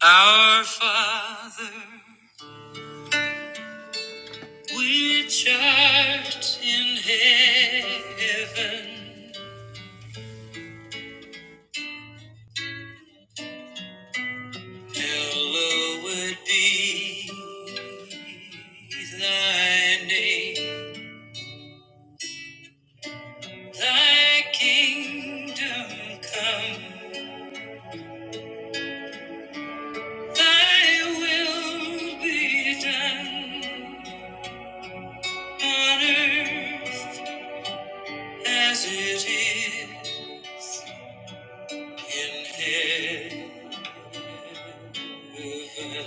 Our Father, which art in heaven, hallowed be thy name. Thy kingdom come, thy will be done on earth as it is in heaven.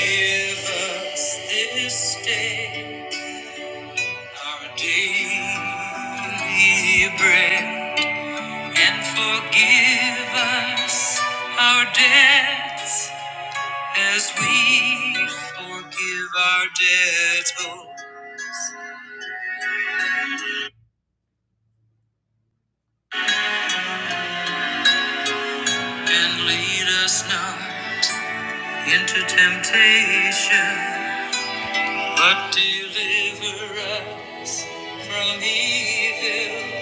Give us this day our daily bread and forgive us our debts as we forgive our debtors. And lead us not into temptation, but deliver us from evil.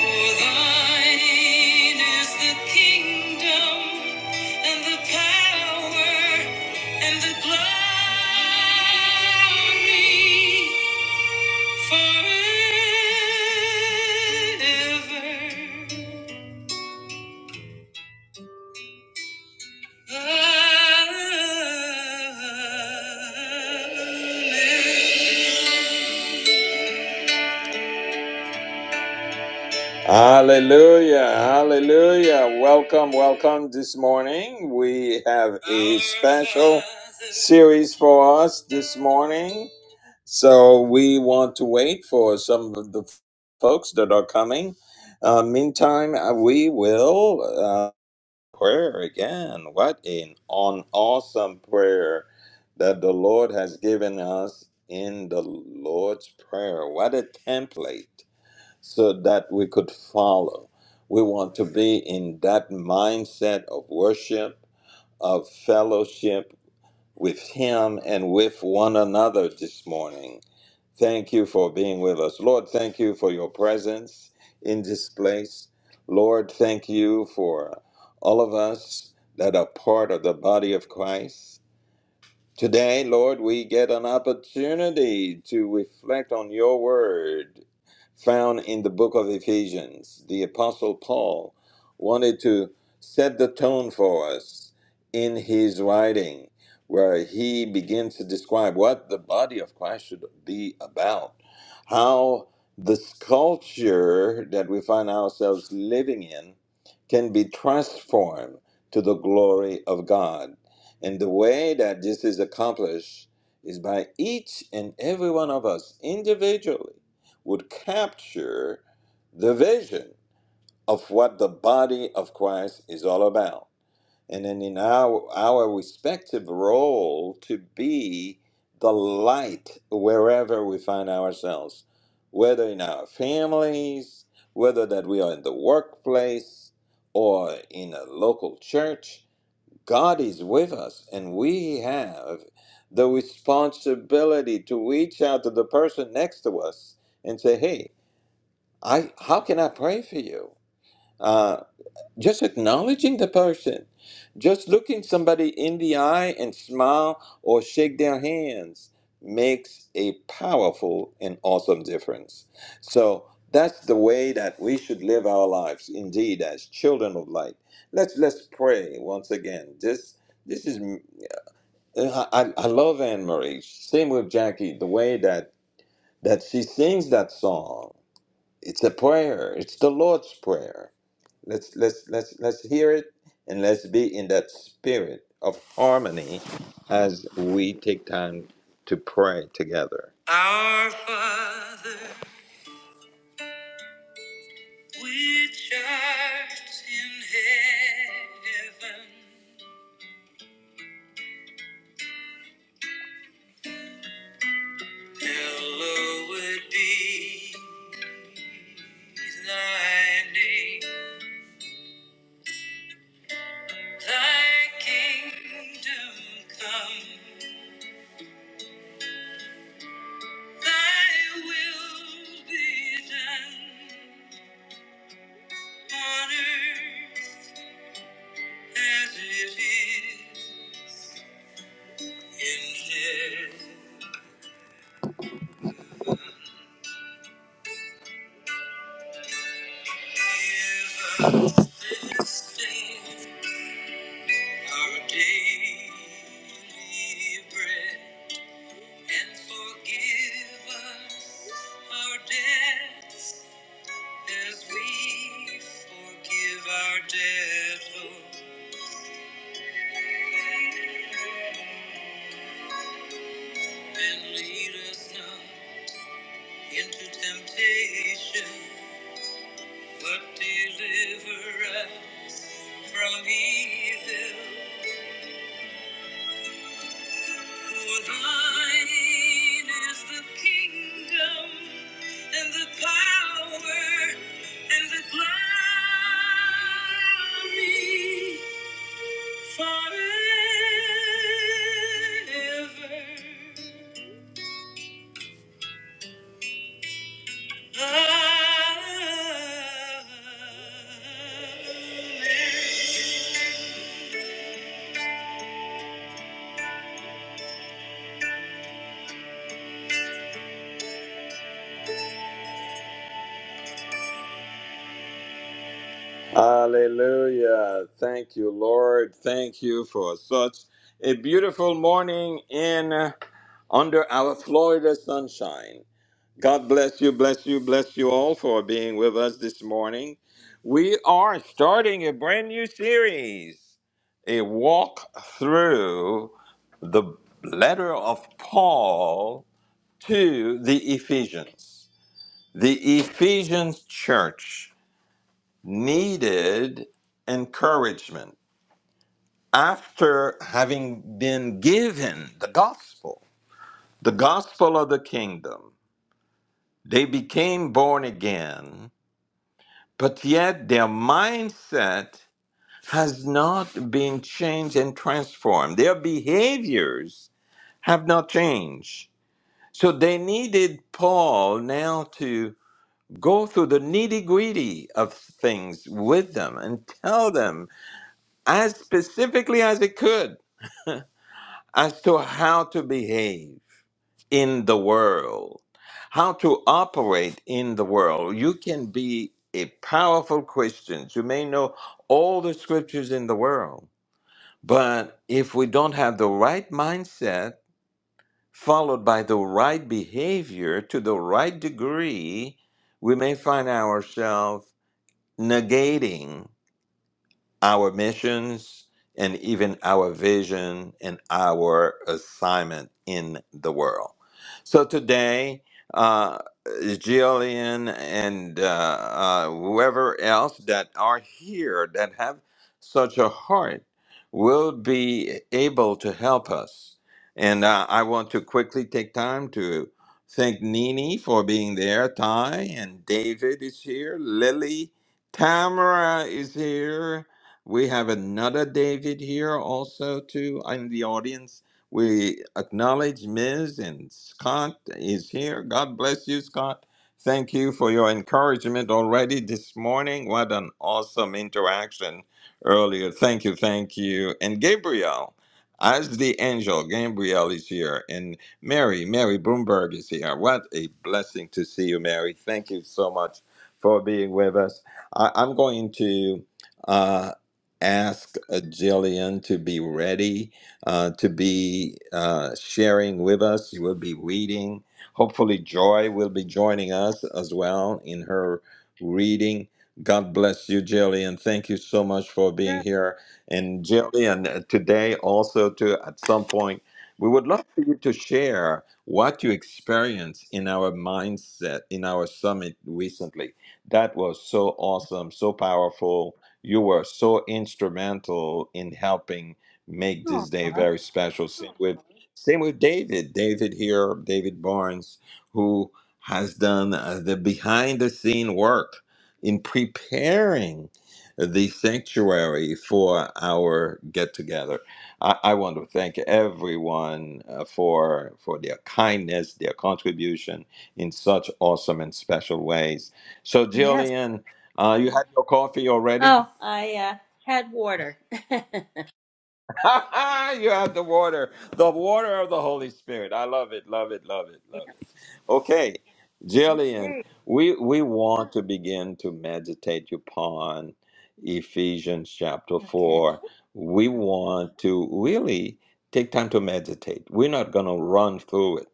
For thine is the kingdom and the power and the glory forever. Amen. Hallelujah, hallelujah. Welcome, welcome this morning. We have a special series for us this morning. So we want to wait for some of the folks that are coming. Uh, meantime, uh, we will uh, prayer again. What an on awesome prayer that the Lord has given us in the Lord's Prayer. What a template so that we could follow. We want to be in that mindset of worship, of fellowship with Him and with one another this morning. Thank you for being with us. Lord, thank you for your presence in this place. Lord, thank you for all of us that are part of the body of Christ. Today, Lord, we get an opportunity to reflect on your word found in the book of Ephesians. The Apostle Paul wanted to set the tone for us in his writing, where he begins to describe what the body of Christ should be about, how this culture that we find ourselves living in can be transformed to the glory of God. And the way that this is accomplished is by each and every one of us individually would capture the vision of what the body of Christ is all about. And then in our, our respective role to be the light wherever we find ourselves, whether in our families, whether that we are in the workplace or in a local church, God is with us, and we have the responsibility to reach out to the person next to us and say, "Hey, I how can I pray for you?" Uh, just acknowledging the person, just looking somebody in the eye and smile or shake their hands makes a powerful and awesome difference. So that's the way that we should live our lives, indeed, as children of light. Let's let's pray once again. This this is. Uh, I, I I love Anne Marie. Same with Jackie. The way that that she sings that song, it's a prayer. It's the Lord's prayer. Let's let's let's let's hear it and let's be in that spirit of harmony as we take time to pray together. Our Father, which art in heaven, hallowed be thy name. Thy kingdom come, thy will be done on earth as it is in heaven. Give us this day our daily bread, and forgive us our debts as we forgive our debtors. And lead us not into temptation, but deliver us from evil. For thine is the kingdom and the power and the glory forever. Hallelujah. Thank you, Lord. Thank you for such a beautiful morning in uh, under our Florida sunshine. God bless you, bless you, bless you all for being with us this morning. We are starting a brand new series, a walk through the letter of Paul to the Ephesians. The Ephesians church needed encouragement after having been given the gospel, the gospel of the kingdom. They became born again, but yet their mindset has not been changed and transformed. Their behaviors have not changed. So they needed Paul now to. go through the nitty gritty of things with them and tell them as specifically as it could as to how to behave in the world, how to operate in the world. You can be a powerful Christian. You may know all the scriptures in the world, but if we don't have the right mindset, followed by the right behavior to the right degree, we may find ourselves negating our missions and even our vision and our assignment in the world. So today, uh, Jillian and uh, uh, whoever else that are here that have such a heart will be able to help us. And uh, I want to quickly take time to thank Nini for being there. Ty and David is here. Lily, Tamara is here. We have another David here also too in the audience. We acknowledge Ms. and Scott is here. God bless you, Scott. Thank you for your encouragement already this morning. What an awesome interaction earlier. Thank you, thank you. And Gabriel, as the angel, Gabriel is here. And Mary, Mary Bloomberg is here. What a blessing to see you, Mary. Thank you so much for being with us. I, I'm going to. uh, ask uh, Jillian to be ready uh, to be uh, sharing with us. She will be reading. Hopefully, Joy will be joining us as well in her reading. God bless you, Jillian. Thank you so much for being Sure. here. And Jillian, uh, today also to at some point, we would love for you to share what you experienced in our mindset in our summit recently. That was so awesome, so powerful you were so instrumental in helping make this day Aw, very special. Same with same with David. David here, David Barnes, who has done uh, the behind the scene work in preparing the sanctuary for our get together. I, I want to thank everyone uh, for for their kindness, their contribution in such awesome and special ways. So, yes. Jillian, uh, you had your coffee already? Oh, I uh, had water. yeah. you have the water, the water of the Holy Spirit. I love it, love it, love it, love it. Okay, Jillian, Okay. we we want to begin to meditate upon Ephesians chapter Okay. four. We want to really take time to meditate. We're not going to run through it.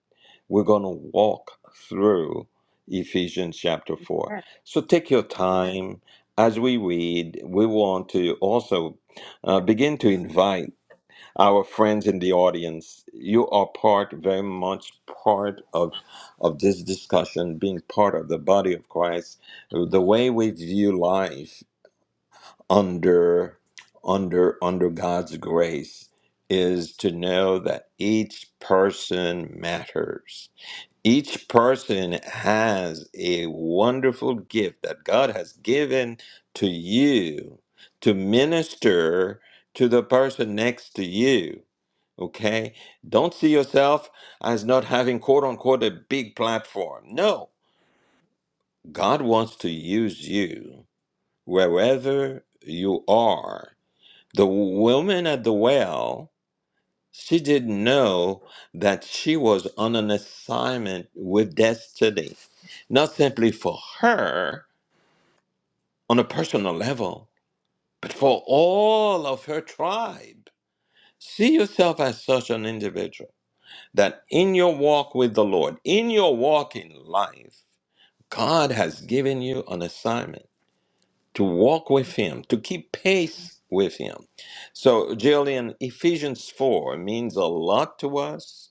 We're going to walk through Ephesians chapter four. Yes. So take your time as we read. We want to also uh, begin to invite our friends in the audience, you are part, very much part of, of this discussion, being part of the body of Christ. The way we view life under, under, under God's grace is to know that each person matters. Each person has a wonderful gift that God has given to you to minister to the person next to you Okay? Don't see yourself as not having quote unquote a big platform. No, God wants to use you wherever you are. The woman at the well, she didn't know that she was on an assignment with destiny, not simply for her on a personal level, but for all of her tribe. See yourself as such an individual that in your walk with the Lord, in your walk in life, God has given you an assignment to walk with Him, to keep pace with Him. So, Jillian, Ephesians 4 means a lot to us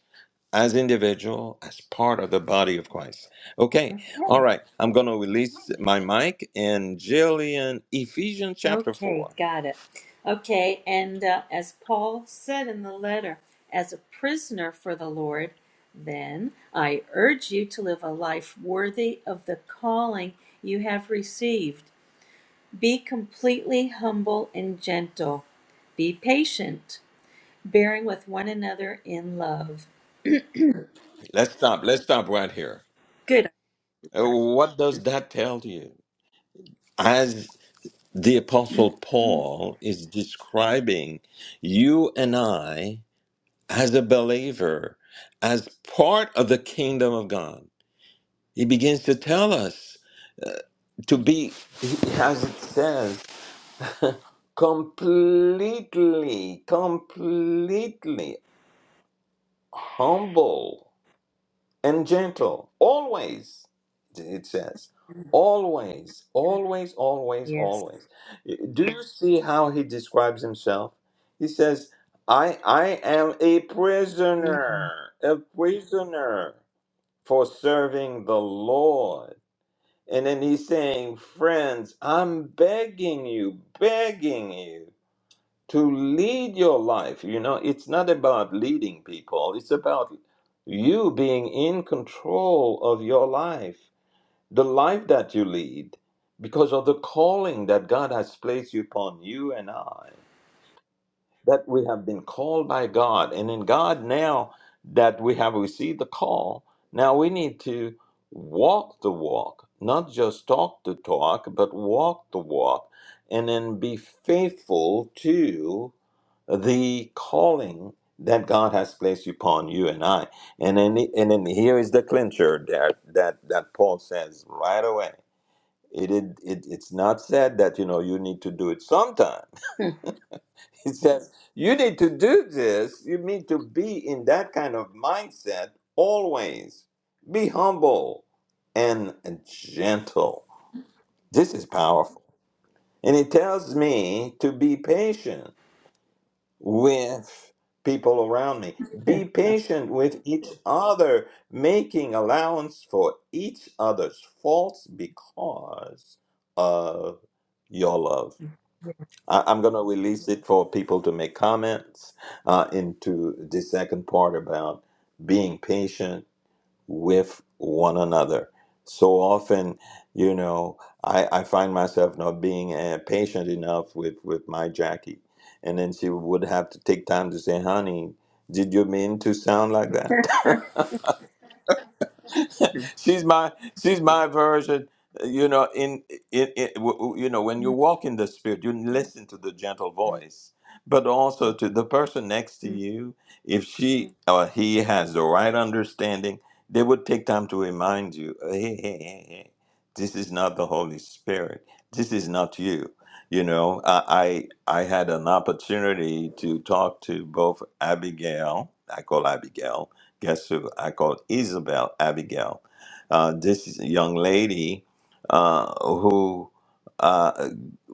as individual, as part of the body of Christ. Okay, all Okay. right, I'm going to release my mic and Jillian, Ephesians chapter Okay. 4. Got it. Okay. And uh, as Paul said in the letter, as a prisoner for the Lord, then I urge you to live a life worthy of the calling you have received. Be completely humble and gentle. Be patient, bearing with one another in love. Let's stop, let's stop right here. Good. Uh, What does that tell you? As the Apostle Paul is describing you and I as a believer, as part of the kingdom of God. He begins to tell us to be, as it says, completely, completely humble and gentle. Always, it says. Always, always, always, Yes. always. Do you see how he describes himself? He says, I, I am a Mhm. prisoner, a prisoner for serving the Lord. And then he's saying, Friends, I'm begging you, begging you to lead your life. You know, it's not about leading people, it's about you being in control of your life, the life that you lead, because of the calling that God has placed you upon you and I, that we have been called by God. And in God, now that we have received the call, now we need to walk the walk, not just talk the talk, but walk the walk, and then be faithful to the calling that God has placed upon you and I. And then, and then here is the clincher that that that Paul says right away. It, it, it it's not said that you know you need to do it sometime. yeah. He says you need to do this. You need to be in that kind of mindset always. Be humble and gentle. This is powerful. And it tells me to be patient with people around me. Be patient with each other, making allowance for each other's faults because of your love. I- I'm going to release it for people to make comments uh, into the second part about being patient with one another. So often, you know, I, I find myself not being uh, patient enough with, with my Jackie. And then she would have to take time to say, honey, did you mean to sound like that? she's my she's my version you know in it, it w- w- you know when you walk in the spirit you listen to the gentle voice but also to the person next to you if she or he has the right understanding they would take time to remind you hey hey hey hey hey, this is not the holy spirit this is not you you know i i, I had an opportunity to talk to both abigail i call abigail guess who i call isabel abigail uh, this young lady uh, who uh,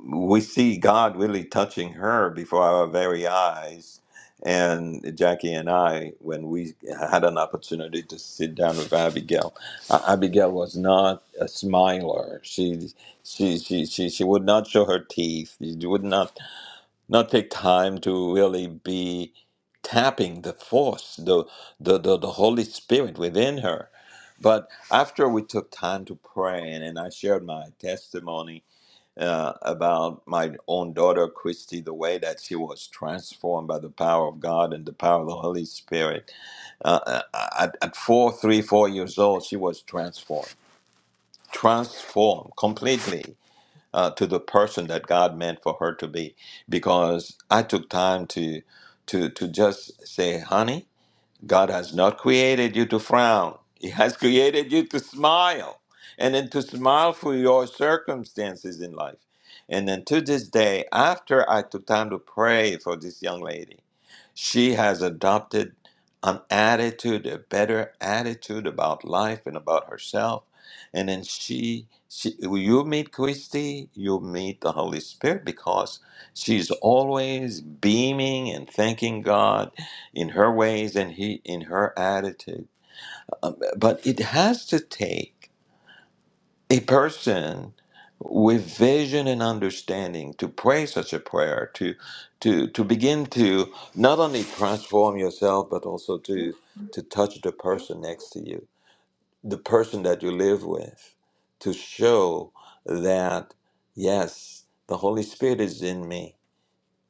we see God really touching her before our very eyes. And Jackie and I, when we had an opportunity to sit down with Abigail, uh, Abigail was not a smiler. She she she she, she would not show her teeth. She would not not take time to really be tapping the force, the, the, the, the Holy Spirit within her. But after we took time to pray, and, and I shared my testimony uh, about my own daughter, Christy, the way that she was transformed by the power of God and the power of the Holy Spirit. Uh, uh, at, at four, three, four years old, she was transformed, transformed completely uh, to the person that God meant for her to be, because I took time to to to just say, honey. God has not created you to frown. He has created you to smile and then to smile for your circumstances in life. And then to this day, after I took time to pray for this young lady, she has adopted an attitude, a better attitude about life and about herself. And then she, she you meet Christy, you meet the Holy Spirit because she's always beaming and thanking God in her ways and he in her attitude. Um, but it has to take a person with vision and understanding to pray such a prayer to to to begin to not only transform yourself but also to to touch the person next to you the person that you live with to show that yes the holy spirit is in me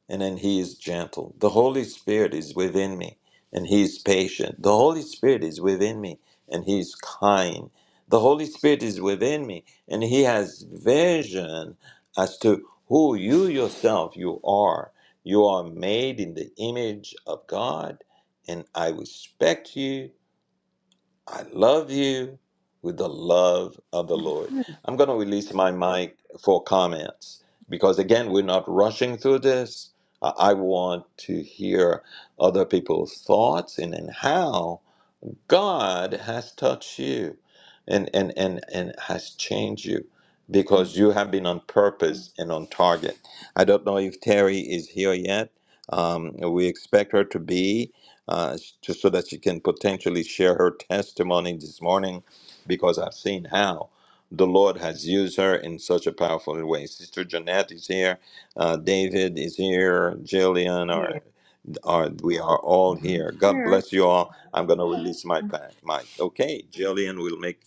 and then he is gentle. The Holy Spirit is within me and he is patient. The Holy Spirit is within me and he is kind. The Holy Spirit is within me and he has vision as to who you yourself you are. You are made in the image of God and I respect you I love you with the love of the Lord. I'm going to release my mic for comments because, again, we're not rushing through this. I I want to hear other people's thoughts and then how. God has touched you and, and, and, and has changed you because you have been on purpose and on target. I don't know if Terry is here yet. Um, we expect her to be, uh, just so that she can potentially share her testimony this morning because I've seen how the Lord has used her in such a powerful way. Sister Jeanette is here, uh, David is here, Jillian, Yeah. or or we are all here. God bless you all. I'm going to release my pa- mic. Okay, Jillian will make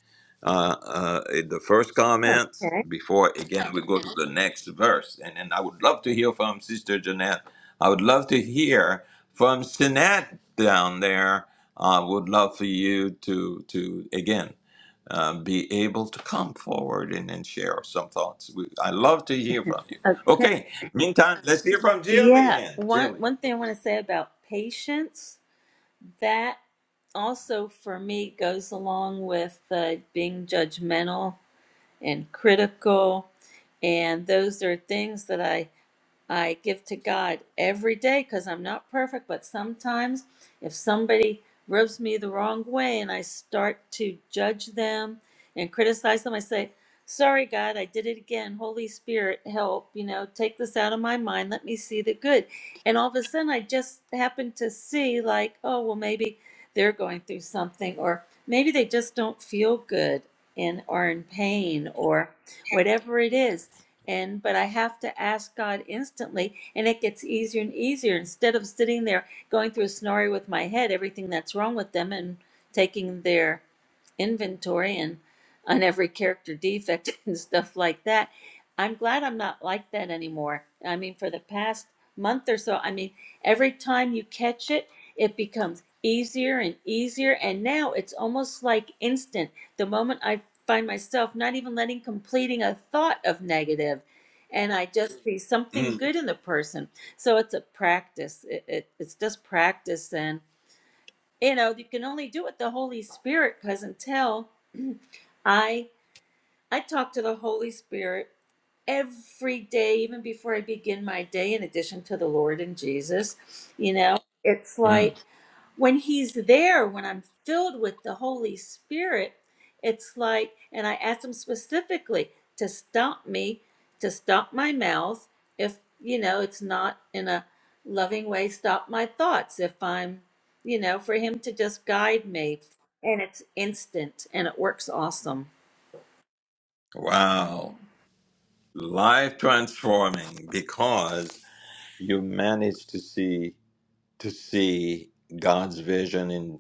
uh, uh, the first comments Okay. before, again, we go to the next verse. And then I would love to hear from Sister Jeanette. I would love to hear from Sinette down there. I would love for you to, to again, uh, be able to come forward and, and share some thoughts. We, I love to hear from you. Okay. Okay, meantime, let's hear from Yeah. Jillian. One Jillian. one thing I want to say about patience that also for me goes along with uh, being judgmental and critical, and those are things that I I give to God every day because I'm not perfect, but sometimes if somebody rubs me the wrong way and I start to judge them and criticize them, I say, Sorry, God, I did it again. Holy Spirit, help. You know, take this out of my mind. Let me see the good. And all of a sudden, I just happen to see, like, oh, well, maybe they're going through something, or maybe they just don't feel good and are in pain, or whatever it is in, but I have to ask God instantly, and it gets easier and easier. Instead of sitting there going through a scenario with my head, everything that's wrong with them, and taking their inventory and on every character defect and stuff like that. I'm glad I'm not like that anymore. I mean, for the past month or so, I mean, every time you catch it, it becomes easier and easier. And now it's almost like instant. The moment I find myself not even letting completing a thought of negative and i just see Mm. something good in the person so it's a practice it, it, it's just practice and you know you can only do it the holy spirit because until i i talk to the holy spirit every day even before i begin my day in addition to the lord and jesus you know it's like Mm. when he's there when i'm filled with the holy spirit it's like and i asked him specifically to stop me to stop my mouth if you know it's not in a loving way stop my thoughts if i'm you know for him to just guide me and it's instant and it works awesome Wow. Life transforming because you manage to see to see God's vision in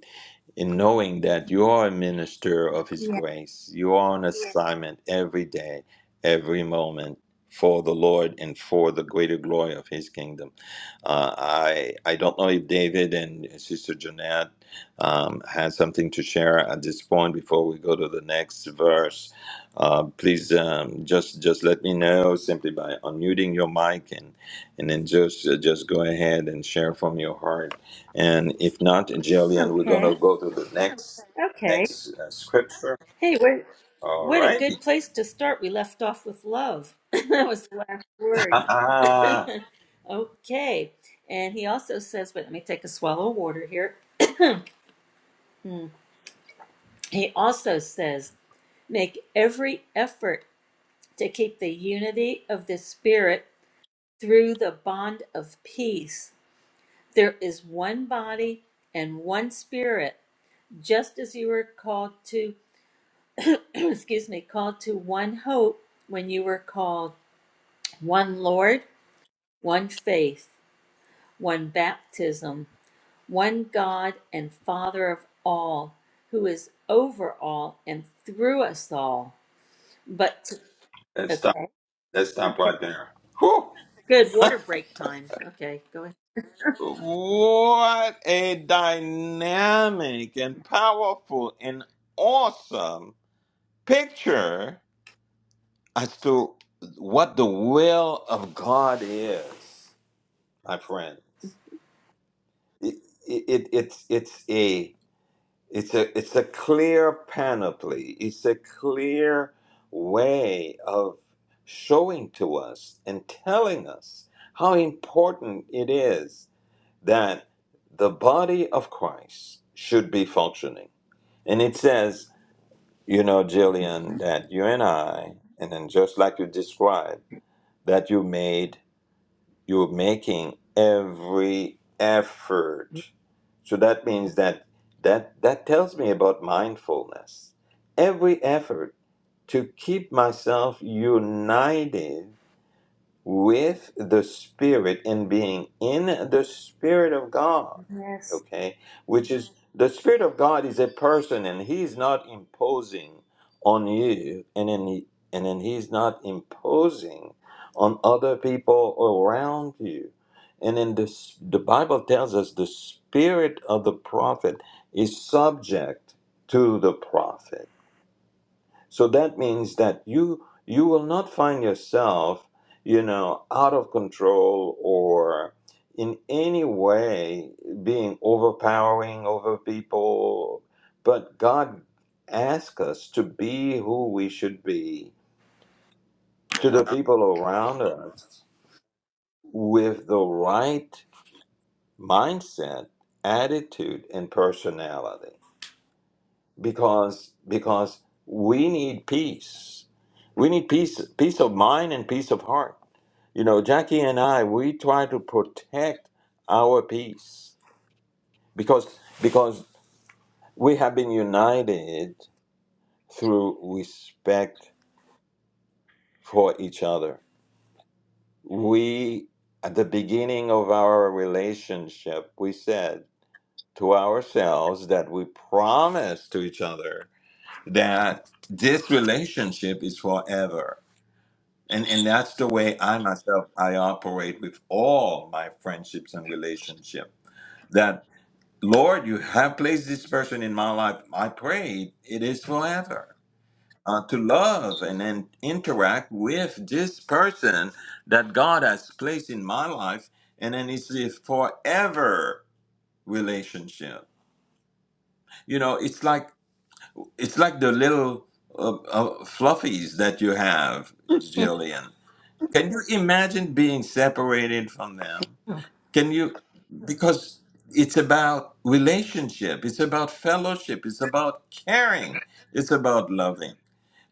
in knowing that you are a minister of His yeah grace. You are on assignment every day, every moment for the Lord and for the greater glory of His kingdom. Uh, I I don't know if David and Sister Jeanette um, has something to share at this point before we go to the next verse. Uh, please um, just just let me know simply by unmuting your mic and and then just uh, just go ahead and share from your heart and if not, Jillian, we're going okay to go to the next okay next uh, scripture. hey what All what a right. good place to start we left off with love that was the last word Okay. And he also says, But let me take a swallow of water here. He also says, make every effort to keep the unity of the Spirit through the bond of peace. There is one body and one Spirit, just as you were called to, excuse me, called to one hope when you were called one Lord, one faith, one baptism one God and Father of all, who is over all and through us all. But to- let's stop. okay, Let's stop okay, right there. Whew. good. Water break time. Okay, go ahead. What a dynamic and powerful and awesome picture as to what the will of God is, my friends. It, it, it, it's, it's a It's a it's a clear panoply. It's a clear way of showing to us and telling us how important it is that the body of Christ should be functioning. And it says, you know, Jillian, that you and I, and then just like you described, that you made you're making every effort so that means that that that tells me about mindfulness every effort to keep myself united with the Spirit and being in the Spirit of God, Yes, okay? Which is the Spirit of God is a person and He's not imposing on you and then, and then He's not imposing on other people around you. And then this, the Bible tells us the Spirit of the prophet is subject to the prophet so that means that you you will not find yourself, you know, out of control or in any way being overpowering over people. But God asks us to be who we should be to the people around us with the right mindset, attitude, and personality. because because we need peace. We need peace peace of mind and peace of heart. You know, Jackie and I we try to protect our peace because because we have been united through respect for each other. We at the beginning of our relationship we said to ourselves that we promised to each other that this relationship is forever And and that's the way I myself I operate with all my friendships and relationship. That Lord, you have placed this person in my life. I pray it is forever. Uh, to love and then interact with this person that God has placed in my life, and then it's a forever relationship. You know, it's like it's like the little uh, uh, fluffies that you have, Jillian Can you imagine being separated from them? Can you? Because it's about relationship, it's about fellowship, it's about caring, it's about loving.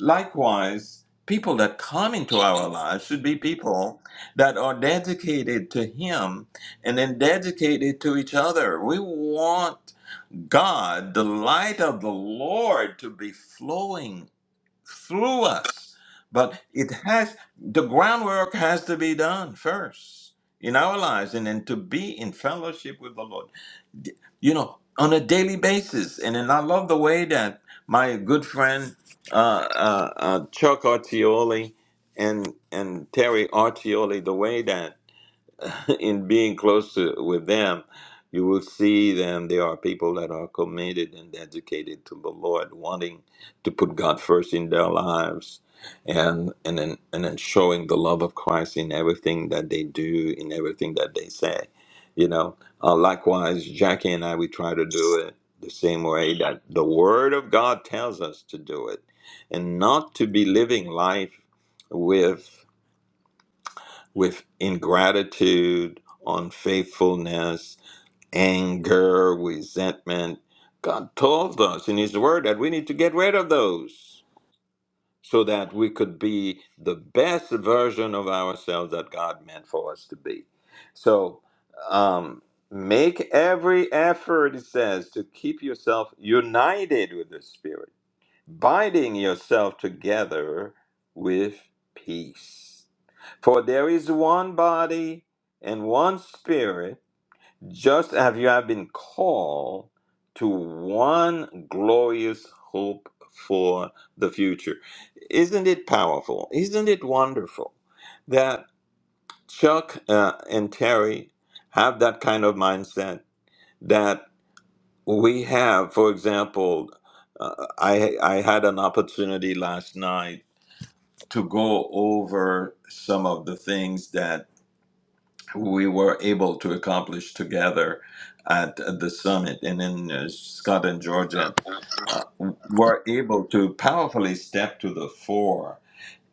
Likewise, people that come into our lives should be people that are dedicated to Him and then dedicated to each other. We want God, the light of the Lord, to be flowing through us. But it has the groundwork has to be done first in our lives and then to be in fellowship with the Lord, you know, on a daily basis. And then I love the way that my good friend uh, uh, uh, Chuck Artioli and and Terry Artioli, the way that in being close to, with them, you will see them. They are people that are committed and dedicated to the Lord, wanting to put God first in their lives, and and then and then showing the love of Christ in everything that they do, in everything that they say. You know, uh, likewise, Jackie and I, we try to do it the same way that the Word of God tells us to do it, and not to be living life with with ingratitude, unfaithfulness, anger, resentment. God told us in His Word that we need to get rid of those so that we could be the best version of ourselves that God meant for us to be. So, um, make every effort, it says, to keep yourself united with the Spirit binding yourself together with peace. For there is one body and one spirit, just as you have been called to one glorious hope for the future. Isn't it powerful? Isn't it wonderful that Chuck uh, and Terry have that kind of mindset? We have, for example, uh, I I had an opportunity last night to go over some of the things that we were able to accomplish together at the summit and in uh, Scott and Georgia uh, were able to powerfully step to the fore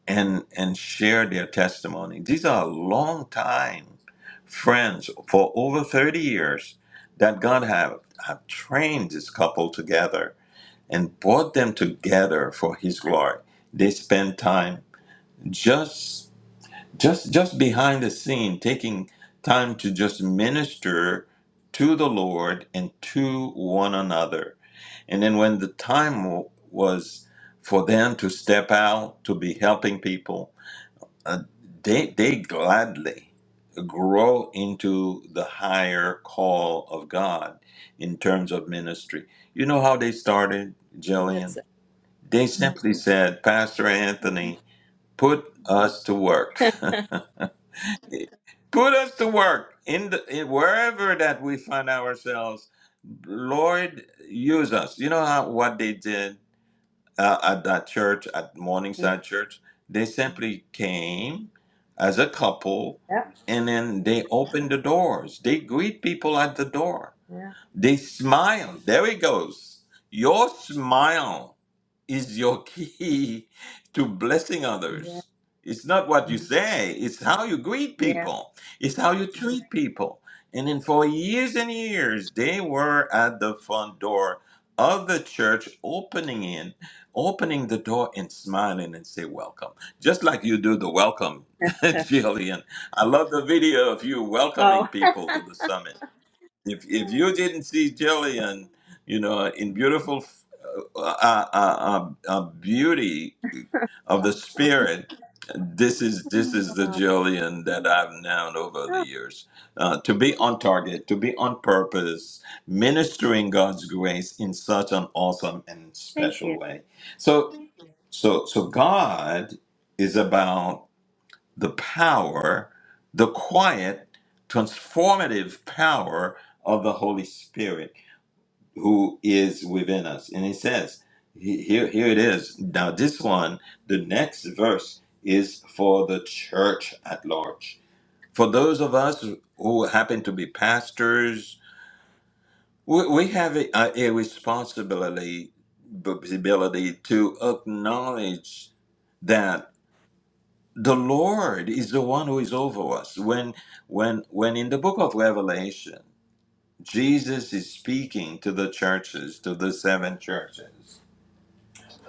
and and share their testimony. These are long time friends for over 30 years that God have, have trained this couple together and brought them together for his glory. They spent time just just just behind the scene taking time to just minister to the Lord and to one another. And then when the time w- was for them to step out to be helping people, uh, they they gladly grow into the higher call of God in terms of ministry. You know how they started, Jillian? that's it. They simply said, Pastor Anthony, put us to work. put us to work in, the, in wherever that we find ourselves. Lord, use us. You know how, what they did uh, at that church, at Mm, Morningside Church? They simply came as a couple Yep. and then they opened the doors. They greet people at the door Yeah. they smile. There it goes. Your smile is your key to blessing others. It's not what you say, it's how you greet Yeah. people, it's how you treat people. And then for years and years, they were at the front door of the church, opening in, opening the door and smiling and say welcome, just like you do the welcome, Yeah. Jillian. I love the video of you welcoming oh. people to the summit if if you didn't see Jillian, you know, in beautiful uh, uh, uh, uh, beauty of the spirit, this is this is the Jillian that I've known over the oh. years. Uh, to be on target, to be on purpose, ministering God's grace in such an awesome and Thank special you. way. So, so, so God is about the power, the quiet, transformative power of the Holy Spirit who is within us. And he says, he- here, here it is. Now, this one, the next verse is for the church at large. For those of us who happen to be pastors, we, we have a, a, a responsibility ability to acknowledge that. the lord is the one who is over us when when when in the book of revelation jesus is speaking to the churches to the seven churches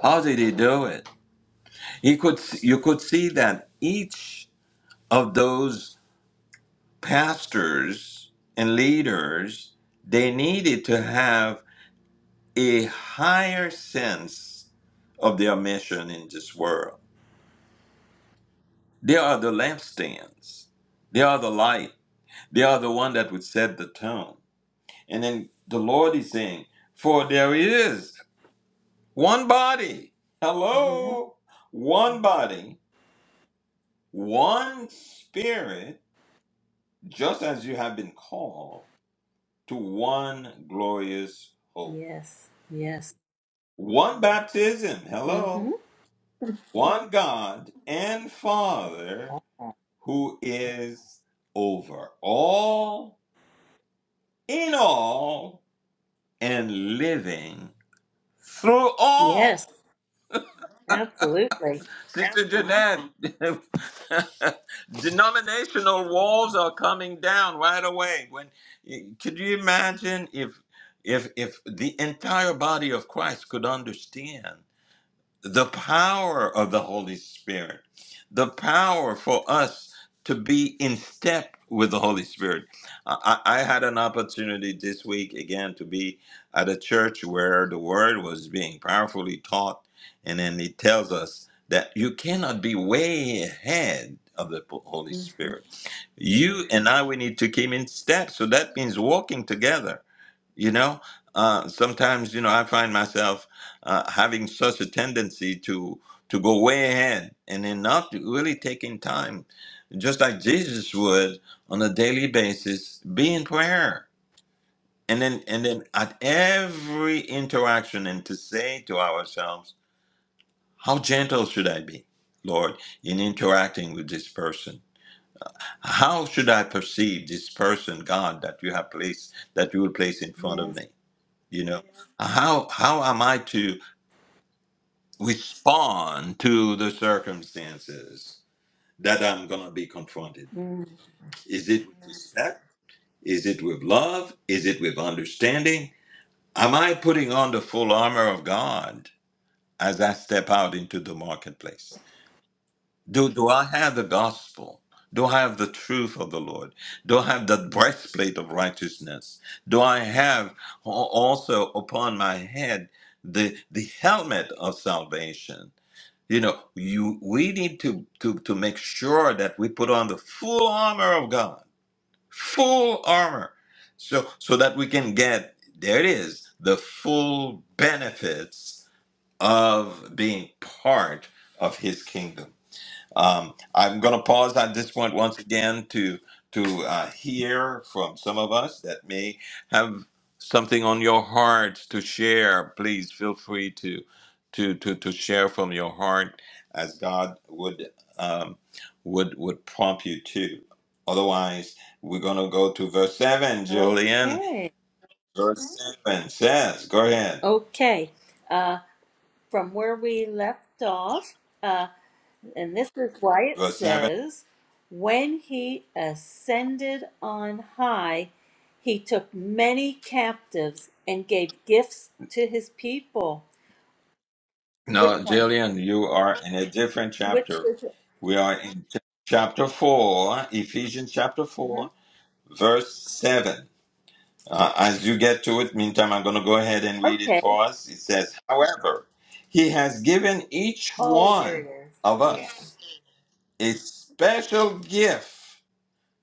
how did he do it he could you could see that each of those pastors and leaders they needed to have a higher sense of their mission in this world they are the lampstands they are the light They are the one that would set the tone. And then the Lord is saying, For there is one body. Yeah. Hello. One body, one spirit, just as you have been called to one glorious hope. Yes. Yes. One baptism. Mm-hmm. Hello. One God and Father who is over all, in all, and living through all. Yes. Absolutely. Sister Jeanette, denominational walls are coming down right away. When could you imagine if if if the entire body of Christ could understand? the power of the Holy Spirit, the power for us to be in step with the Holy Spirit. I, I I had an opportunity this week again to be at a church where the word was being powerfully taught, and then it tells us that you cannot be way ahead of the Holy hmm Spirit. You and I, we need to keep in step. So that means walking together you know, uh, sometimes you know I find myself uh, having such a tendency to to go way ahead and then not really taking time, just like Jesus would on a daily basis, be in prayer, and then and then at every interaction, and to say to ourselves, how gentle should I be, Lord, in interacting with this person? How should I perceive this person, God, that you have placed that you will place in front of Yes. me? you know how how am i to respond to the circumstances that i'm going to be confronted Mm. is it with respect is it with love is it with understanding am i putting on the full armor of god as i step out into the marketplace Do, do I have the gospel? Do I have the truth of the Lord? Do I have that breastplate of righteousness? Do I have al- also upon my head the the helmet of salvation? You know, you we need to to to make sure that we put on the full armor of God, full armor, so so that we can get there it is the full benefits of being part of His kingdom. Um, I'm going to pause on this point once again to to uh, hear from some of us that may have something on your heart to share. Please feel free to to to, to share from your heart as God would um, would would prompt you to. Otherwise, we're going to go to verse seven. Julian, Okay. verse seven says, "Go ahead." Okay. Uh, from where we left off, uh, and this is why it Verse seven. says, When he ascended on high, he took many captives and gave gifts to his people. Which No, one? Jillian, you are in a different Which chapter. is it? We are in ch- chapter 4, Ephesians chapter Uh-huh. 4, verse 7. Uh, as you get to it, meantime, I'm going to go ahead and read it Okay. for us. It says, However, he has given each Oh, there it one is. of Yeah. us a special gift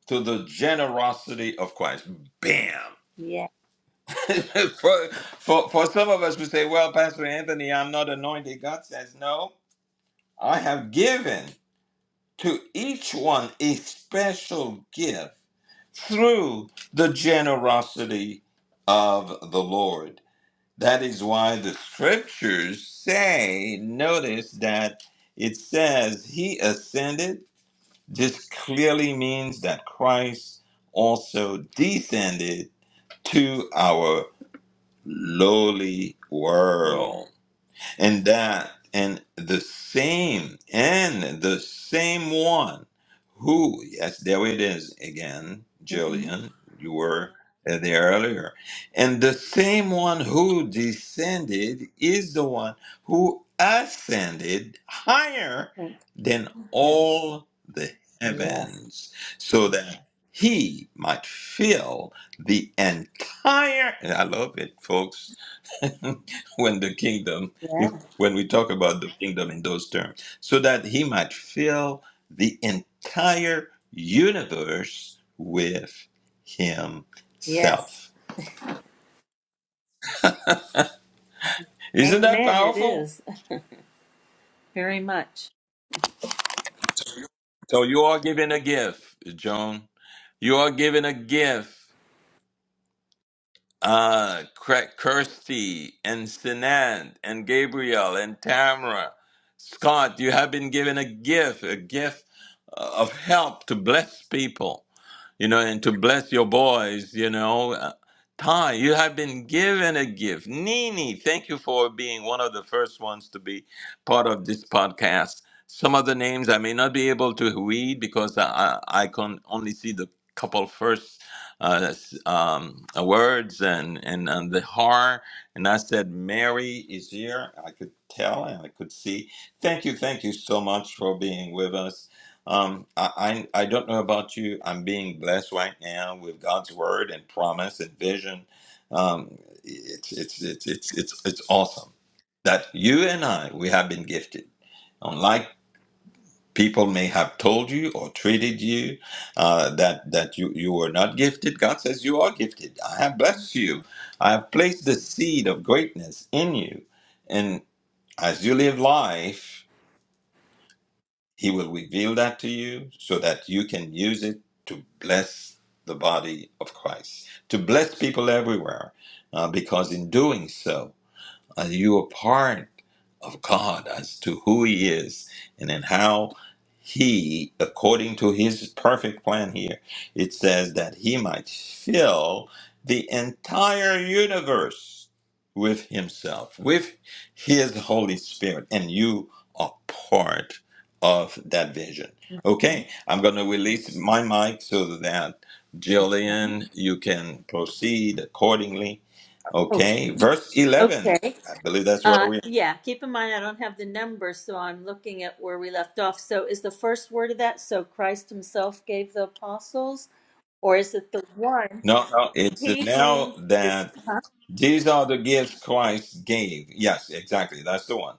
to the generosity of Christ. Bam! Yeah. for, for, for some of us, we say, Well, Pastor Anthony, I'm not anointed. God says, No, I have given. to each one a special gift through the generosity of the Lord. That is why the scriptures say, notice that it says he ascended. This clearly means that Christ also descended to our lowly Yeah. world and that and the same and the same one who yes there it is again Mm-hmm. jillian you were uh, there earlier and the same one who descended is the one who ascended higher than all the Yes. heavens so that he might fill the entire and i love it folks when the kingdom, Yeah. when we talk about the kingdom in those terms, so that he might fill the entire universe with Yes. himself. Isn't that Amen. It powerful? is very much. So you are given a gift, Joan. You are given a gift. Uh, Cra- Kirsty and Sinan and Gabriel and Tamara, Scott, you have been given a gift, a gift uh, of help to bless people you know, and to bless your boys, you know. Uh, Ty, you have been given a gift. Nini, thank you for being one of the first ones to be part of this podcast. Some of the names I may not be able to read because I, I I can only see the couple first uh, s- um, uh, words and, and, and the har. And I said, Mary is here. I could tell and I could see. Thank you, thank you so much for being with us um, I, I I don't know about you. I'm being blessed right now with God's word and promise and vision. Um, it's it's it's it's it's it's awesome that you and I we have been gifted. Unlike people may have told you or treated you uh, that that you you were not gifted, God says you are gifted. I have blessed you. I have placed the seed of greatness in you, and as you live life. He will reveal that to you so that you can use it to bless the body of Christ, to bless people everywhere, uh, because in doing so, uh, you are part of God as to who He is and in how He, according to His perfect plan here, it says that He might fill the entire universe with Himself, with His Holy Spirit. And you are part of that vision. Okay, I'm going to release my mic so that Jillian, you can proceed accordingly. Oh, Okay, verse 11. okay. I believe that's where Uh, we. yeah, keep in mind I don't have the numbers, so I'm looking at where we left off. So is the first word of that, so Christ himself gave the apostles, or is it the one, No, no, it's he now who that dis- these are the gifts Christ gave. Yes, exactly. That's the one.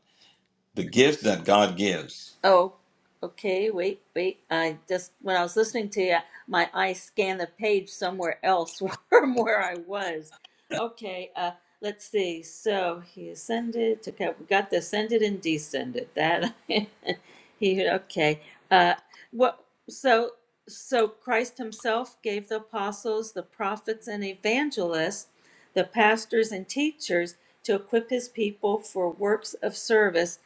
The gifts that God gives. Oh, okay. Wait, wait. I just, when I was listening to you, my eyes scanned the page somewhere else from where I was. Okay, uh, let's see. So he ascended, took out, we got the ascended and descended. That, he, okay. Uh, what, so, so Christ himself gave the apostles, the prophets, and evangelists, the pastors and teachers to equip his people for works of service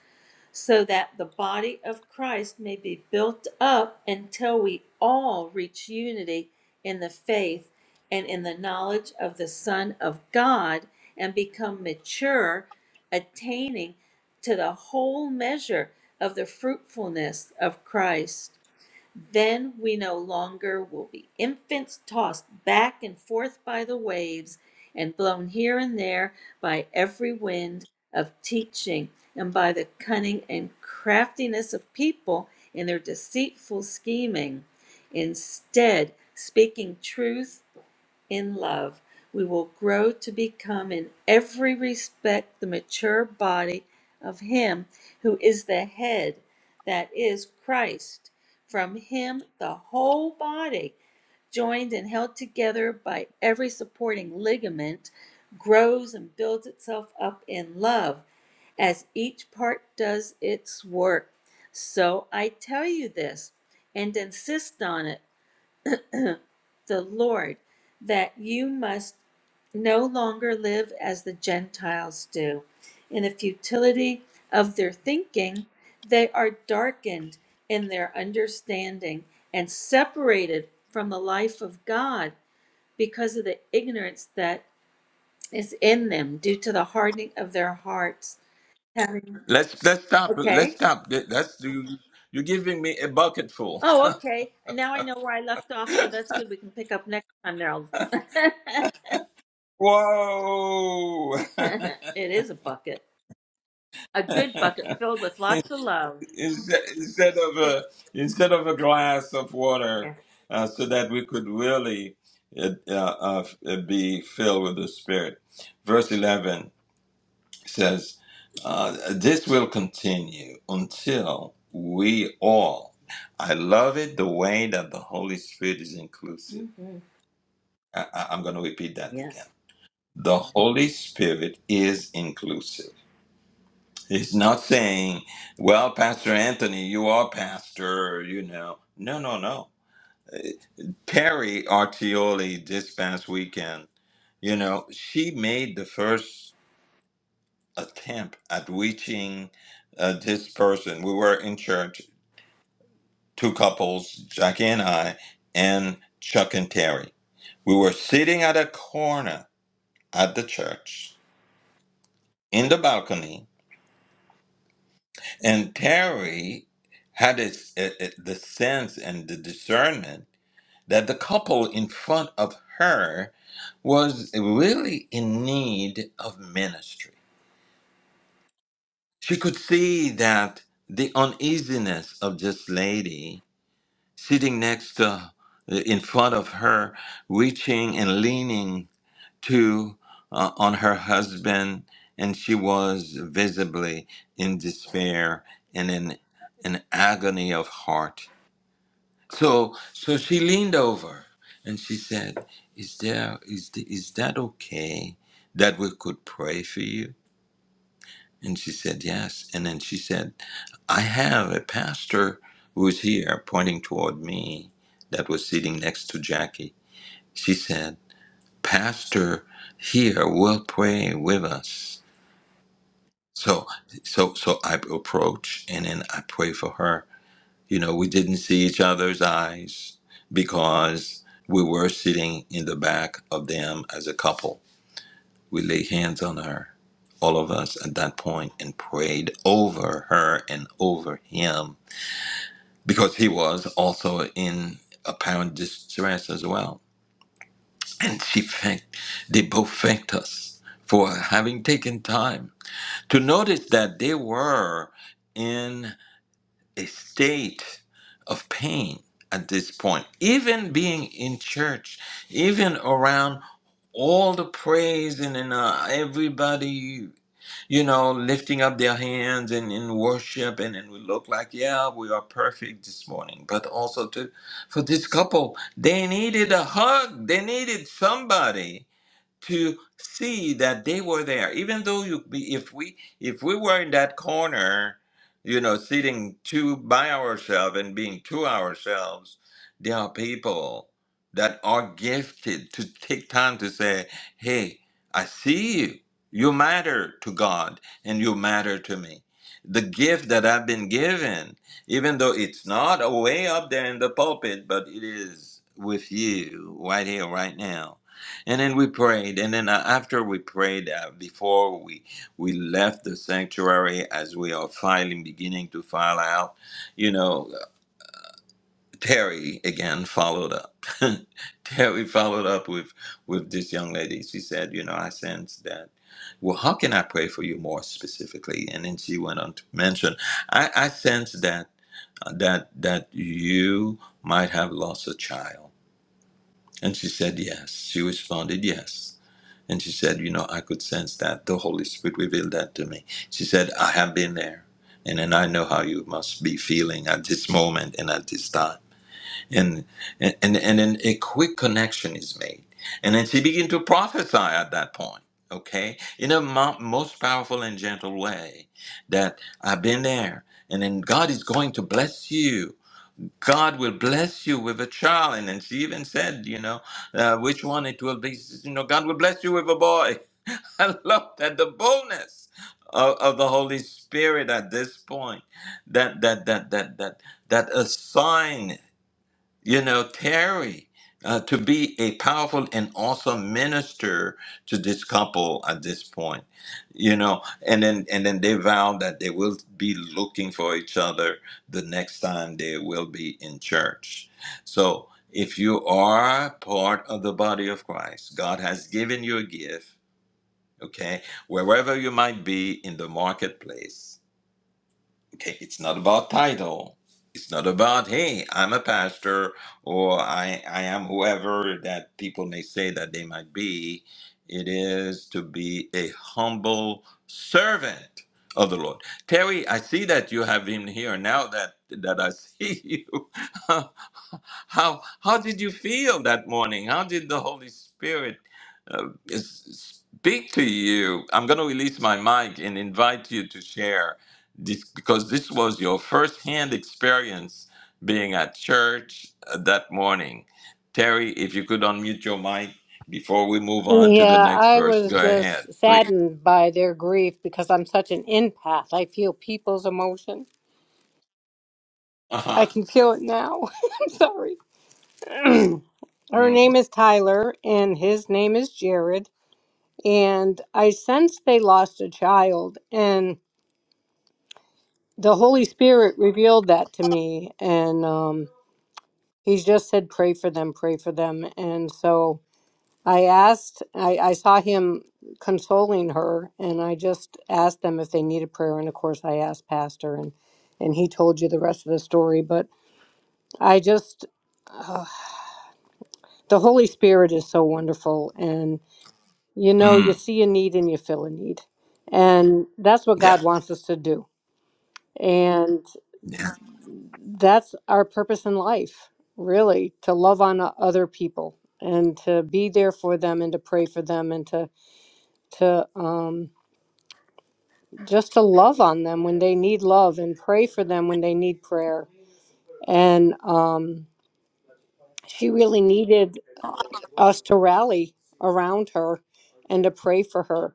so that the body of Christ may be built up until we all reach unity in the faith and in the knowledge of the Son of God and become mature, attaining to the whole measure of the fruitfulness of Christ. Then we no longer will be infants tossed back and forth by the waves and blown here and there by every wind of teaching and by the cunning and craftiness of people in their deceitful scheming. Instead, speaking truth in love, we will grow to become in every respect the mature body of Him who is the head, that is Christ. From Him, the whole body, joined and held together by every supporting ligament, grows and builds itself up in love as each part does its work. So I tell you this and insist on it the Lord that you must no longer live as the Gentiles do. In the futility of their thinking, they are darkened in their understanding and separated from the life of God because of the ignorance that is in them due to the hardening of their hearts. Having, Let's let's stop. Let's okay. stop. That's you. You're giving me a bucket full. Oh, okay. And now I know where I left off, so that's good. We can pick up next time, Now Whoa! It is a bucket. A good bucket filled with lots of love. instead, instead of a Sit- instead of a glass of water, Yeah. uh, so that we could really uh, uh, uh, be filled with the Spirit. Verse eleven. It says, uh, This will continue until we all. I love it the way that the Holy Spirit is inclusive. hmm I, I- I'm going to repeat that again. Yes. The Holy Spirit is inclusive. He's not saying, Well, Pastor Anthony, you are pastor, you know. No, no, no. Perry Artioli this past weekend, you know, she made the first attempt at reaching uh, this person. We were in church two couples, Jackie and I, and Chuck and Terry. We were sitting at a corner at the church in the balcony, and Terry had his, eh, eh, the sense and the discernment that the couple in front of her was really in need of ministry. She could see that the uneasiness of this lady sitting next to, uh, in front of her, reaching and leaning to uh, on her husband, and she was visibly in despair and in an agony of heart. So, so she leaned over and she said, "Is there is th- is that okay that we could pray for you?" And she said, Yes. And then she said, I have a pastor who's here pointing toward me that was sitting next to Jackie. She said, Pastor here will pray with us. So so so I approach and then I pray for her. You know, we didn't see each other's eyes because we were sitting in the back of them as a couple we laid hands on her, all of us at that point, and prayed over her and over him because he was also in apparent distress as well. And she thanked, they both thanked us for having taken time to notice that they were in a state of pain at this point. Even being in church, even around all the praise and, and uh, everybody you know, lifting up their hands and in worship, and, and we look like, yeah, we are perfect this morning. But also to for this couple, they needed a hug. They needed somebody to see that they were there even though you be- if we if we were in that corner you know sitting two by ourselves and being to ourselves there are people that are gifted to take time to say hey i see you you matter to god and you matter to me the gift that i've been given even though it's not way up there in the pulpit but it is with you right here right now and then we prayed, and then uh, after we prayed, uh, before we we left the sanctuary, as we are filing, beginning to file out, you know, Terry again followed up. Terry followed up with with this young lady. She said, you know, I sense that. Well, how can I pray for you more specifically? And then she went on to mention, I, I sense that uh, that that you might have lost a child. And she said yes. She responded yes and she said, You know, I could sense that. The Holy Spirit revealed that to me. She said, I have been there. And then I know how you must be feeling at this moment and at this time. And and, and, and then a quick connection is made. And then she began to prophesy at that point, okay? In a mo- most powerful and gentle way that I've been there. And then God is going to bless you. God will bless you with a child. And then she even said, you know, uh, which one it will be. You know, God will bless you with a boy. I love that the boldness of, of the Holy Spirit at this point. That that that that that that a sign, you know, Terry. Uh, to be a powerful and awesome minister to this couple at this point, you know, and then and then they vow that they will be looking for each other the next time they will be in church. So if you are part of the body of Christ, God has given you a gift okay? Wherever you might be in the marketplace, Okay, it's not about title. It's not about hey, I'm a pastor or I I am whoever that people may say that they might be. It is to be a humble servant of the Lord. Terry, I see that you have been here now that that I see you. how how did you feel that morning? How did the Holy Spirit uh, s- speak to you? I'm going to release my mic and invite you to share this, because this was your first-hand experience being at church uh, that morning. Terry, if you could unmute your mic before we move on to the Yeah, next I verse, was go ahead, just please. saddened by their grief because I'm such an empath. I feel people's emotion. Uh-huh. I can feel it now. I'm sorry. Her Mm. name is Tyler and his name is Jared. And I sensed they lost a child and the Holy Spirit revealed that to me. And um, he just said, pray for them, pray for them. And so I asked, I, I saw him consoling her, and I just asked them if they needed prayer. And of course, I asked Pastor, and, and he told you the rest of the story. But I just, uh, the Holy Spirit is so wonderful. And you know, you Mm. see a need and you feel a need. And that's what Yeah. God wants us to do. And yeah. that's our purpose in life, really, to love on o- other people and to be there for them and to pray for them and to, to, um, just to love on them when they need love and pray for them when they need prayer. And um, she really needed us to rally around her and to pray for her.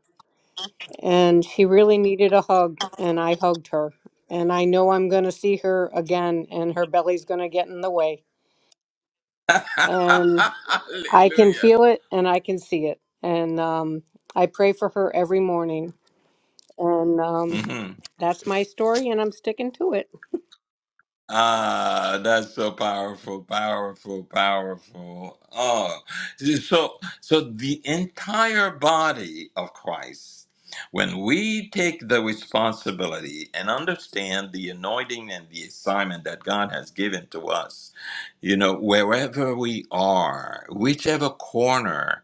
And she really needed a hug, and I hugged her. And I know I'm going to see her again, and her belly's going to get in the way. And I can Hallelujah. feel it and I can see it. And um, I pray for her every morning. And um, Mm-hmm. that's my story, and I'm sticking to it. Ah, that's so powerful, powerful, powerful. Oh, so so the entire body of Christ, when we take the responsibility and understand the anointing and the assignment that God has given to us, you know, wherever we are, whichever corner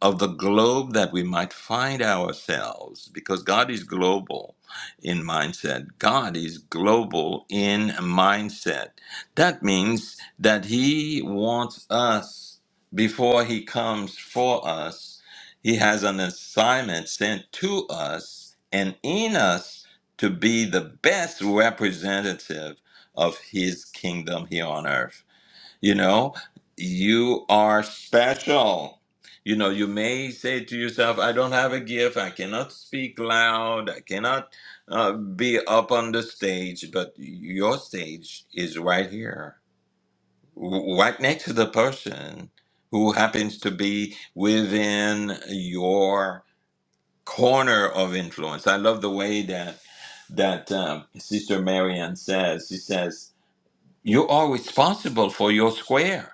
of the globe that we might find ourselves because God is global in mindset. God is global in mindset. That means that He wants us before He comes for us. He has an assignment sent to us and in us to be the best representative of His kingdom here on earth. You know, you are special. You know, you may say to yourself, I don't have a gift, I cannot speak loud, I cannot uh, be up on the stage, but your stage is right here, w- right next to the person who happens to be within your corner of influence. I love the way that that um, Sister Marianne says, she says, you are responsible for your square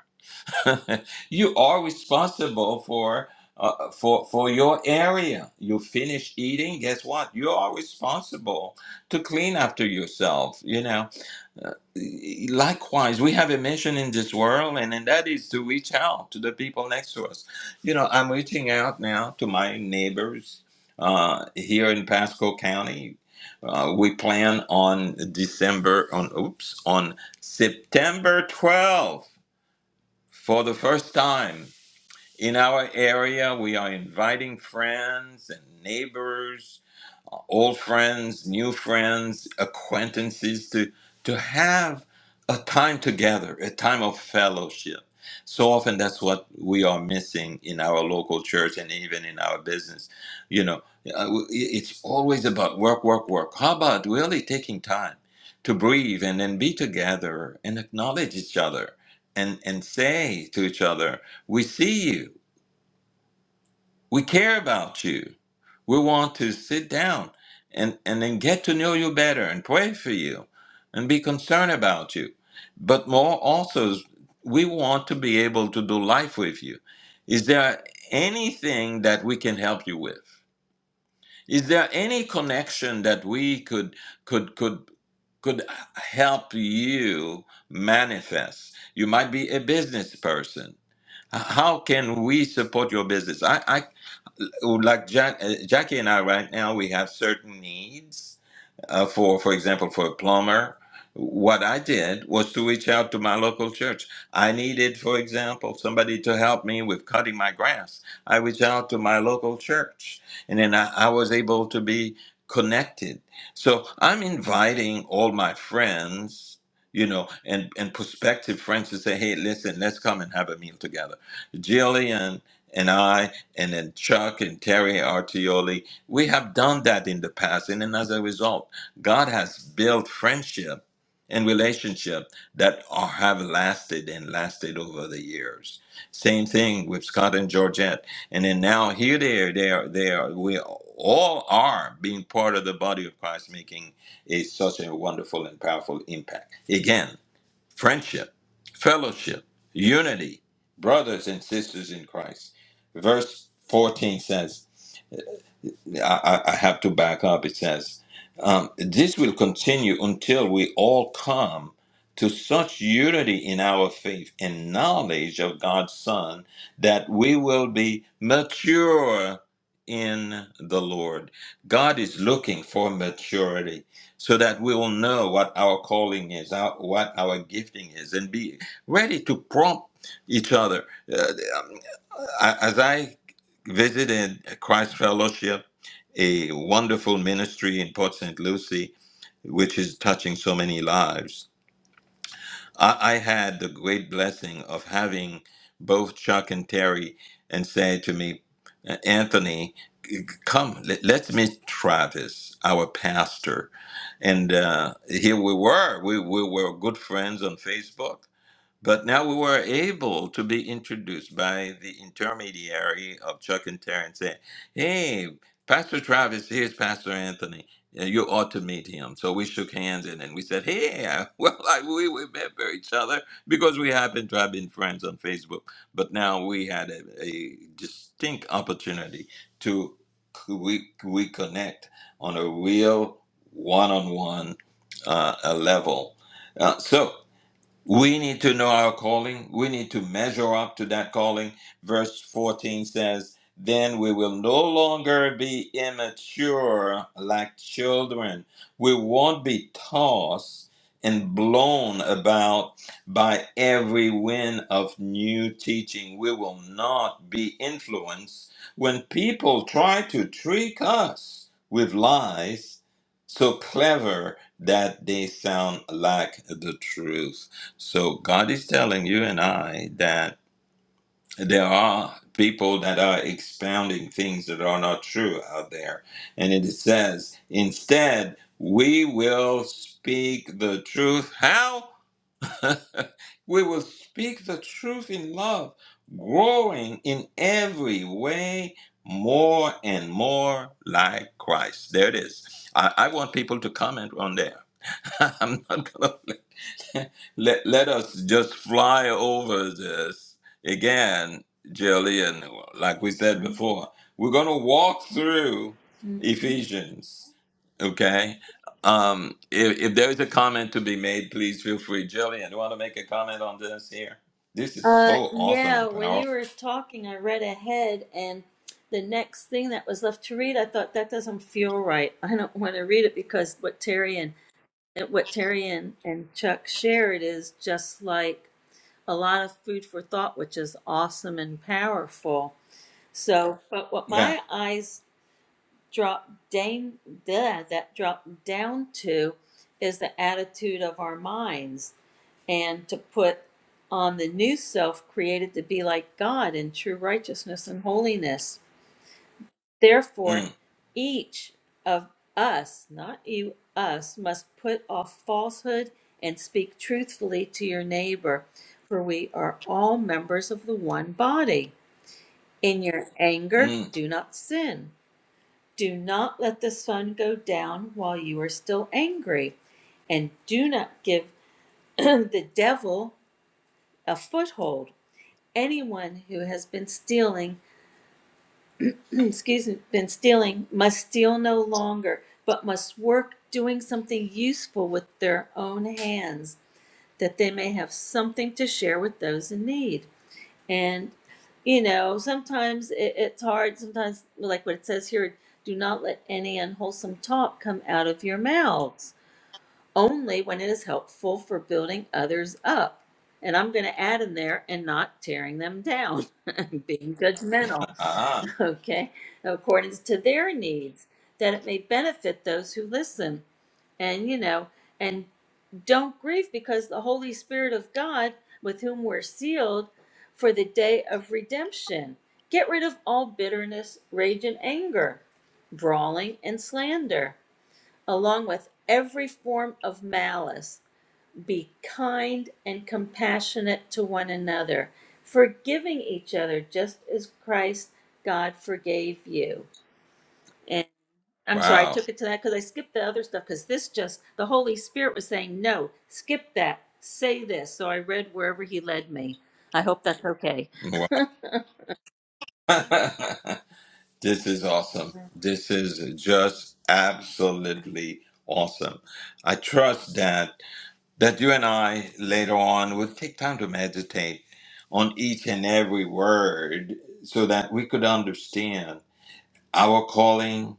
you are responsible for uh, for for your area. You finish eating, guess what? You are responsible to clean after yourself. You know. Likewise, we have a mission in this world, and, and that is to reach out to the people next to us. You know, I'm reaching out now to my neighbors uh, here in Pasco County. Uh, we plan on December on oops on September 12th for the first time in our area, we are inviting friends and neighbors, old friends, new friends, acquaintances to, to have a time together, a time of fellowship. So often that's what we are missing in our local church and even in our business. You know, uh, it's always about work, work, work. How about really taking time to breathe and then be together and acknowledge each other and, and say to each other, we see you we care about you. We want to sit down and, and then get to know you better and pray for you and be concerned about you. But more also, we want to be able to do life with you. Is there anything that we can help you with? Is there any connection that we could could could could help you manifest? You might be a business person. How can we support your business? I. I well, like Jack, uh, Jackie and I right now, we have certain needs uh, for for example for a plumber what i did was to reach out to my local church i needed for example somebody to help me with cutting my grass i reached out to my local church and then i, I was able to be connected so i'm inviting all my friends you know and and prospective friends to say hey listen let's come and have a meal together jillian and i and then chuck and terry artioli we have done that in the past and then as a result God has built friendship and relationship that are, have lasted and lasted over the years. Same thing with Scott and Georgette. And then now here they are, they are, they are, we all are being part of the body of Christ, making a, such a wonderful and powerful impact. Again, friendship, fellowship, unity, brothers and sisters in Christ. Verse 14 says, I, I I have to back up. It says, um, This will continue until we all come to such unity in our faith and knowledge of God's Son that we will be mature in the Lord. God is looking for maturity so that we will know what our calling is, our, what our gifting is, and be ready to prompt each other. Uh, I- as I visited Christ Fellowship, a wonderful ministry in Port St. Lucie, which is touching so many lives, I, I had the great blessing of having both Chuck and Terry and say to me, "Uh, Anthony, come, let, let's meet Travis, our pastor. And uh, here we were. We, we were good friends on Facebook but now we were able to be introduced by the intermediary of Chuck and Terrence saying, Hey, Pastor Travis, here's Pastor Anthony. Uh, You ought to meet him. So we shook hands and then we said, Hey, uh, well, I, we remember each other because we happened to have been friends on Facebook. But now we had a, a distinct opportunity to c- we, we connect on a real one on one level. Uh, so, we need to know our calling. We need to measure up to that calling. Verse 14 says, Then we will no longer be immature like children. We won't be tossed and blown about by every wind of new teaching. We will not be influenced when people try to trick us with lies so clever that they sound like the truth. So God is telling you and I that there are people that are expounding things that are not true out there. And it says, instead, we will speak the truth. How? we will speak the truth in love, growing in every way more and more like Christ. There it is. I, I want people to comment on there. I'm not gonna. let, let us just fly over this again, Jillian. Like we said before, we're going to walk through Mhm. Ephesians. Okay. Um, if, if there is a comment to be made, please feel free. Jillian, do you want to make a comment on this here? This is so Uh, awesome yeah, and when powerful. you were talking, I read ahead, and the next thing that was left to read, I thought that doesn't feel right. I don't want to read it because what Terry and and what Terry and, and Chuck shared is just like a lot of food for thought, which is awesome and powerful. So, but what Yeah. my eyes drop down that drop down to is the attitude of our minds and to put on the new self created to be like God in true righteousness and holiness. Therefore, Mm, each of us, not you, us, must put off falsehood and speak truthfully to your neighbor, for we are all members of the one body. In your anger, mm. do not sin. Do not let the sun go down while you are still angry, and do not give the devil a foothold. Anyone who has been stealing, excuse me, been stealing must steal no longer, but must work doing something useful with their own hands, that they may have something to share with those in need. And, you know, sometimes it, it's hard. Sometimes, like what it says here, do not let any unwholesome talk come out of your mouths, only when it is helpful for building others up. And I'm going to add in there and not tearing them down, being judgmental, Ah, okay, according to their needs, that it may benefit those who listen. And, you know, and. Don't grieve because the Holy Spirit of God, with whom we're sealed for the day of redemption. Get rid of all bitterness, rage, and anger, brawling and slander, along with every form of malice. Be kind and compassionate to one another, forgiving each other just as Christ God forgave you. And I'm sorry, I wow. took it to that because I skipped the other stuff because this just, the Holy Spirit was saying, no, skip that, say this. So I read wherever He led me. I hope that's okay. Wow. This is awesome. This is just absolutely awesome. I trust that that you and I later on will take time to meditate on each and every word so that we could understand our calling.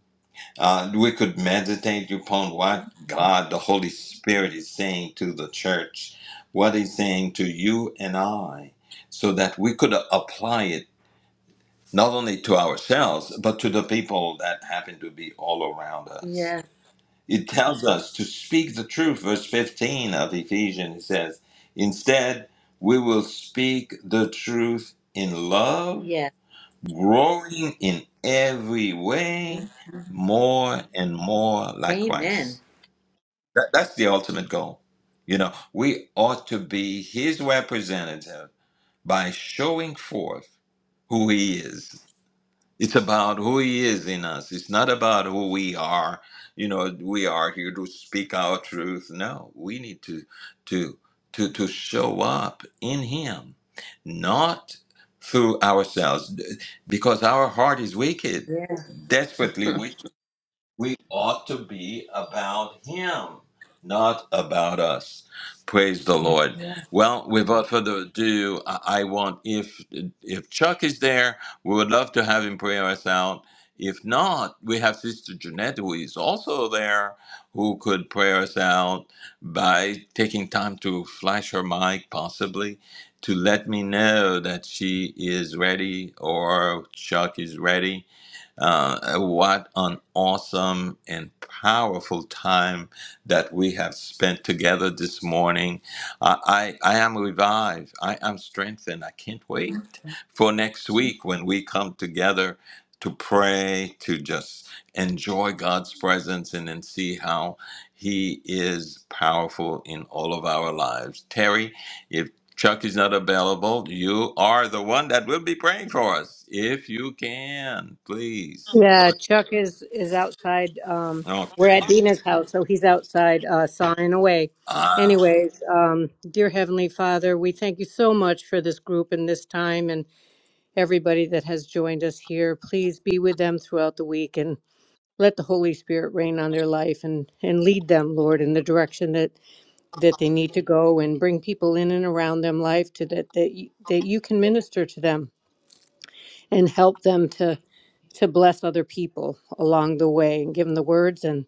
Uh, we could meditate upon what God, the Holy Spirit, is saying to the church, what He's saying to you and I, so that we could apply it not only to ourselves, but to the people that happen to be all around us. Yeah, It tells us to speak the truth. Verse 15 of Ephesians it says, Instead, we will speak the truth in love, yeah. growing in every way more and more like Amen. Christ. That, that's the ultimate goal. You know, we ought to be his representative by showing forth who he is it's about who He is in us. It's not about who we are. You know, we are here to speak our truth. No, we need to to to to show up in Him, not through ourselves, because our heart is wicked, Yeah. desperately wicked. We ought to be about Him, not about us. Praise the Lord. Well, without further ado, I I want if if Chuck is there, we would love to have him pray us out. If not, we have Sister Jeanette, who is also there, who could pray us out by taking time to flash her mic, possibly, to let me know that she is ready or Chuck is ready uh, what an awesome and powerful time that we have spent together this morning. I, I, I am revived. I am strengthened. I can't wait for next week when we come together to pray, to just enjoy God's presence, and then see how He is powerful in all of our lives. Terry, if Chuck is not available. You are the one that will be praying for us. If you can, please. Yeah, Chuck is is outside. Um, we're Okay. at Dina's house, so he's outside uh, signing away. Ah, Anyways, um, dear Heavenly Father, we thank you so much for this group and this time and everybody that has joined us here. Please be with them throughout the week and let the Holy Spirit reign on their life and and lead them, Lord, in the direction that that they need to go and bring people in and around them life to that that you, that you can minister to them and help them to to bless other people along the way and give them the words and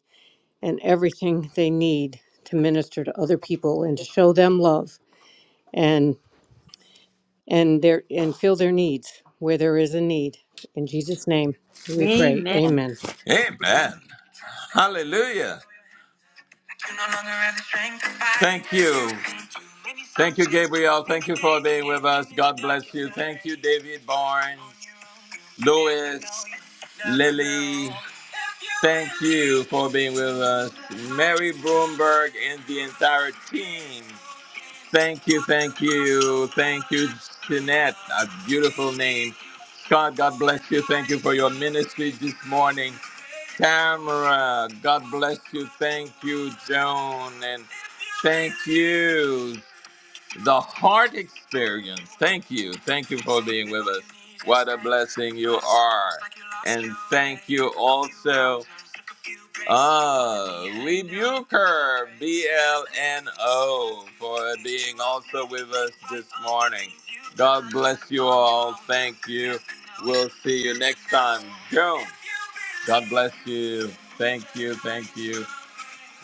and everything they need to minister to other people and to show them love and and their and fill their needs where there is a need in Jesus name we pray Amen. amen amen. Hallelujah. Thank you. Thank you, Gabriel. Thank you for being with us. God bless you. Thank you, David Barnes, Louis, Lily. Thank you for being with us. Mary Broomberg and the entire team. Thank you, thank you, thank you, Jeanette. A beautiful name. Scott, God bless you. Thank you for your ministry this morning. Tamara, God bless you. Thank you, Joan. And thank you, the heart experience. Thank you. Thank you for being with us. What a blessing you are. And thank you also. Uh, rebuke her, BLNO, for being also with us this morning. God bless you all. Thank you. We'll see you next time. Go. God bless you. Thank you. Thank you.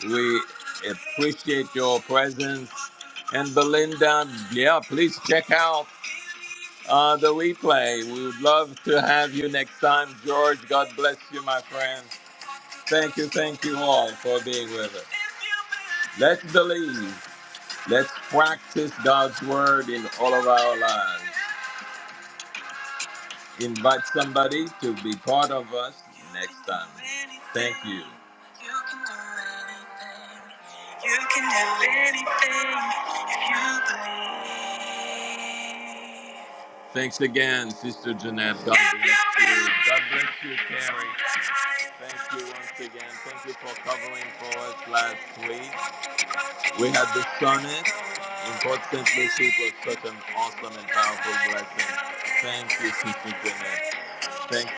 We appreciate your presence. And Belinda, yeah, please check out uh, the replay. We would love to have you next time. George, God bless you, my friend. Thank you. Thank you all for being with us. Let's believe. Let's practice God's word in all of our lives. Invite somebody to be part of us next time. Thank you. You can do anything. You can do anything if you believe. Thanks again, Sister Jeanette. God bless you. God bless you, Carrie. Thank you once again. Thank you for covering for us last week. We had discerned in God's simplicity was such an awesome and powerful blessing. Thank you, Sister Jeanette. Thank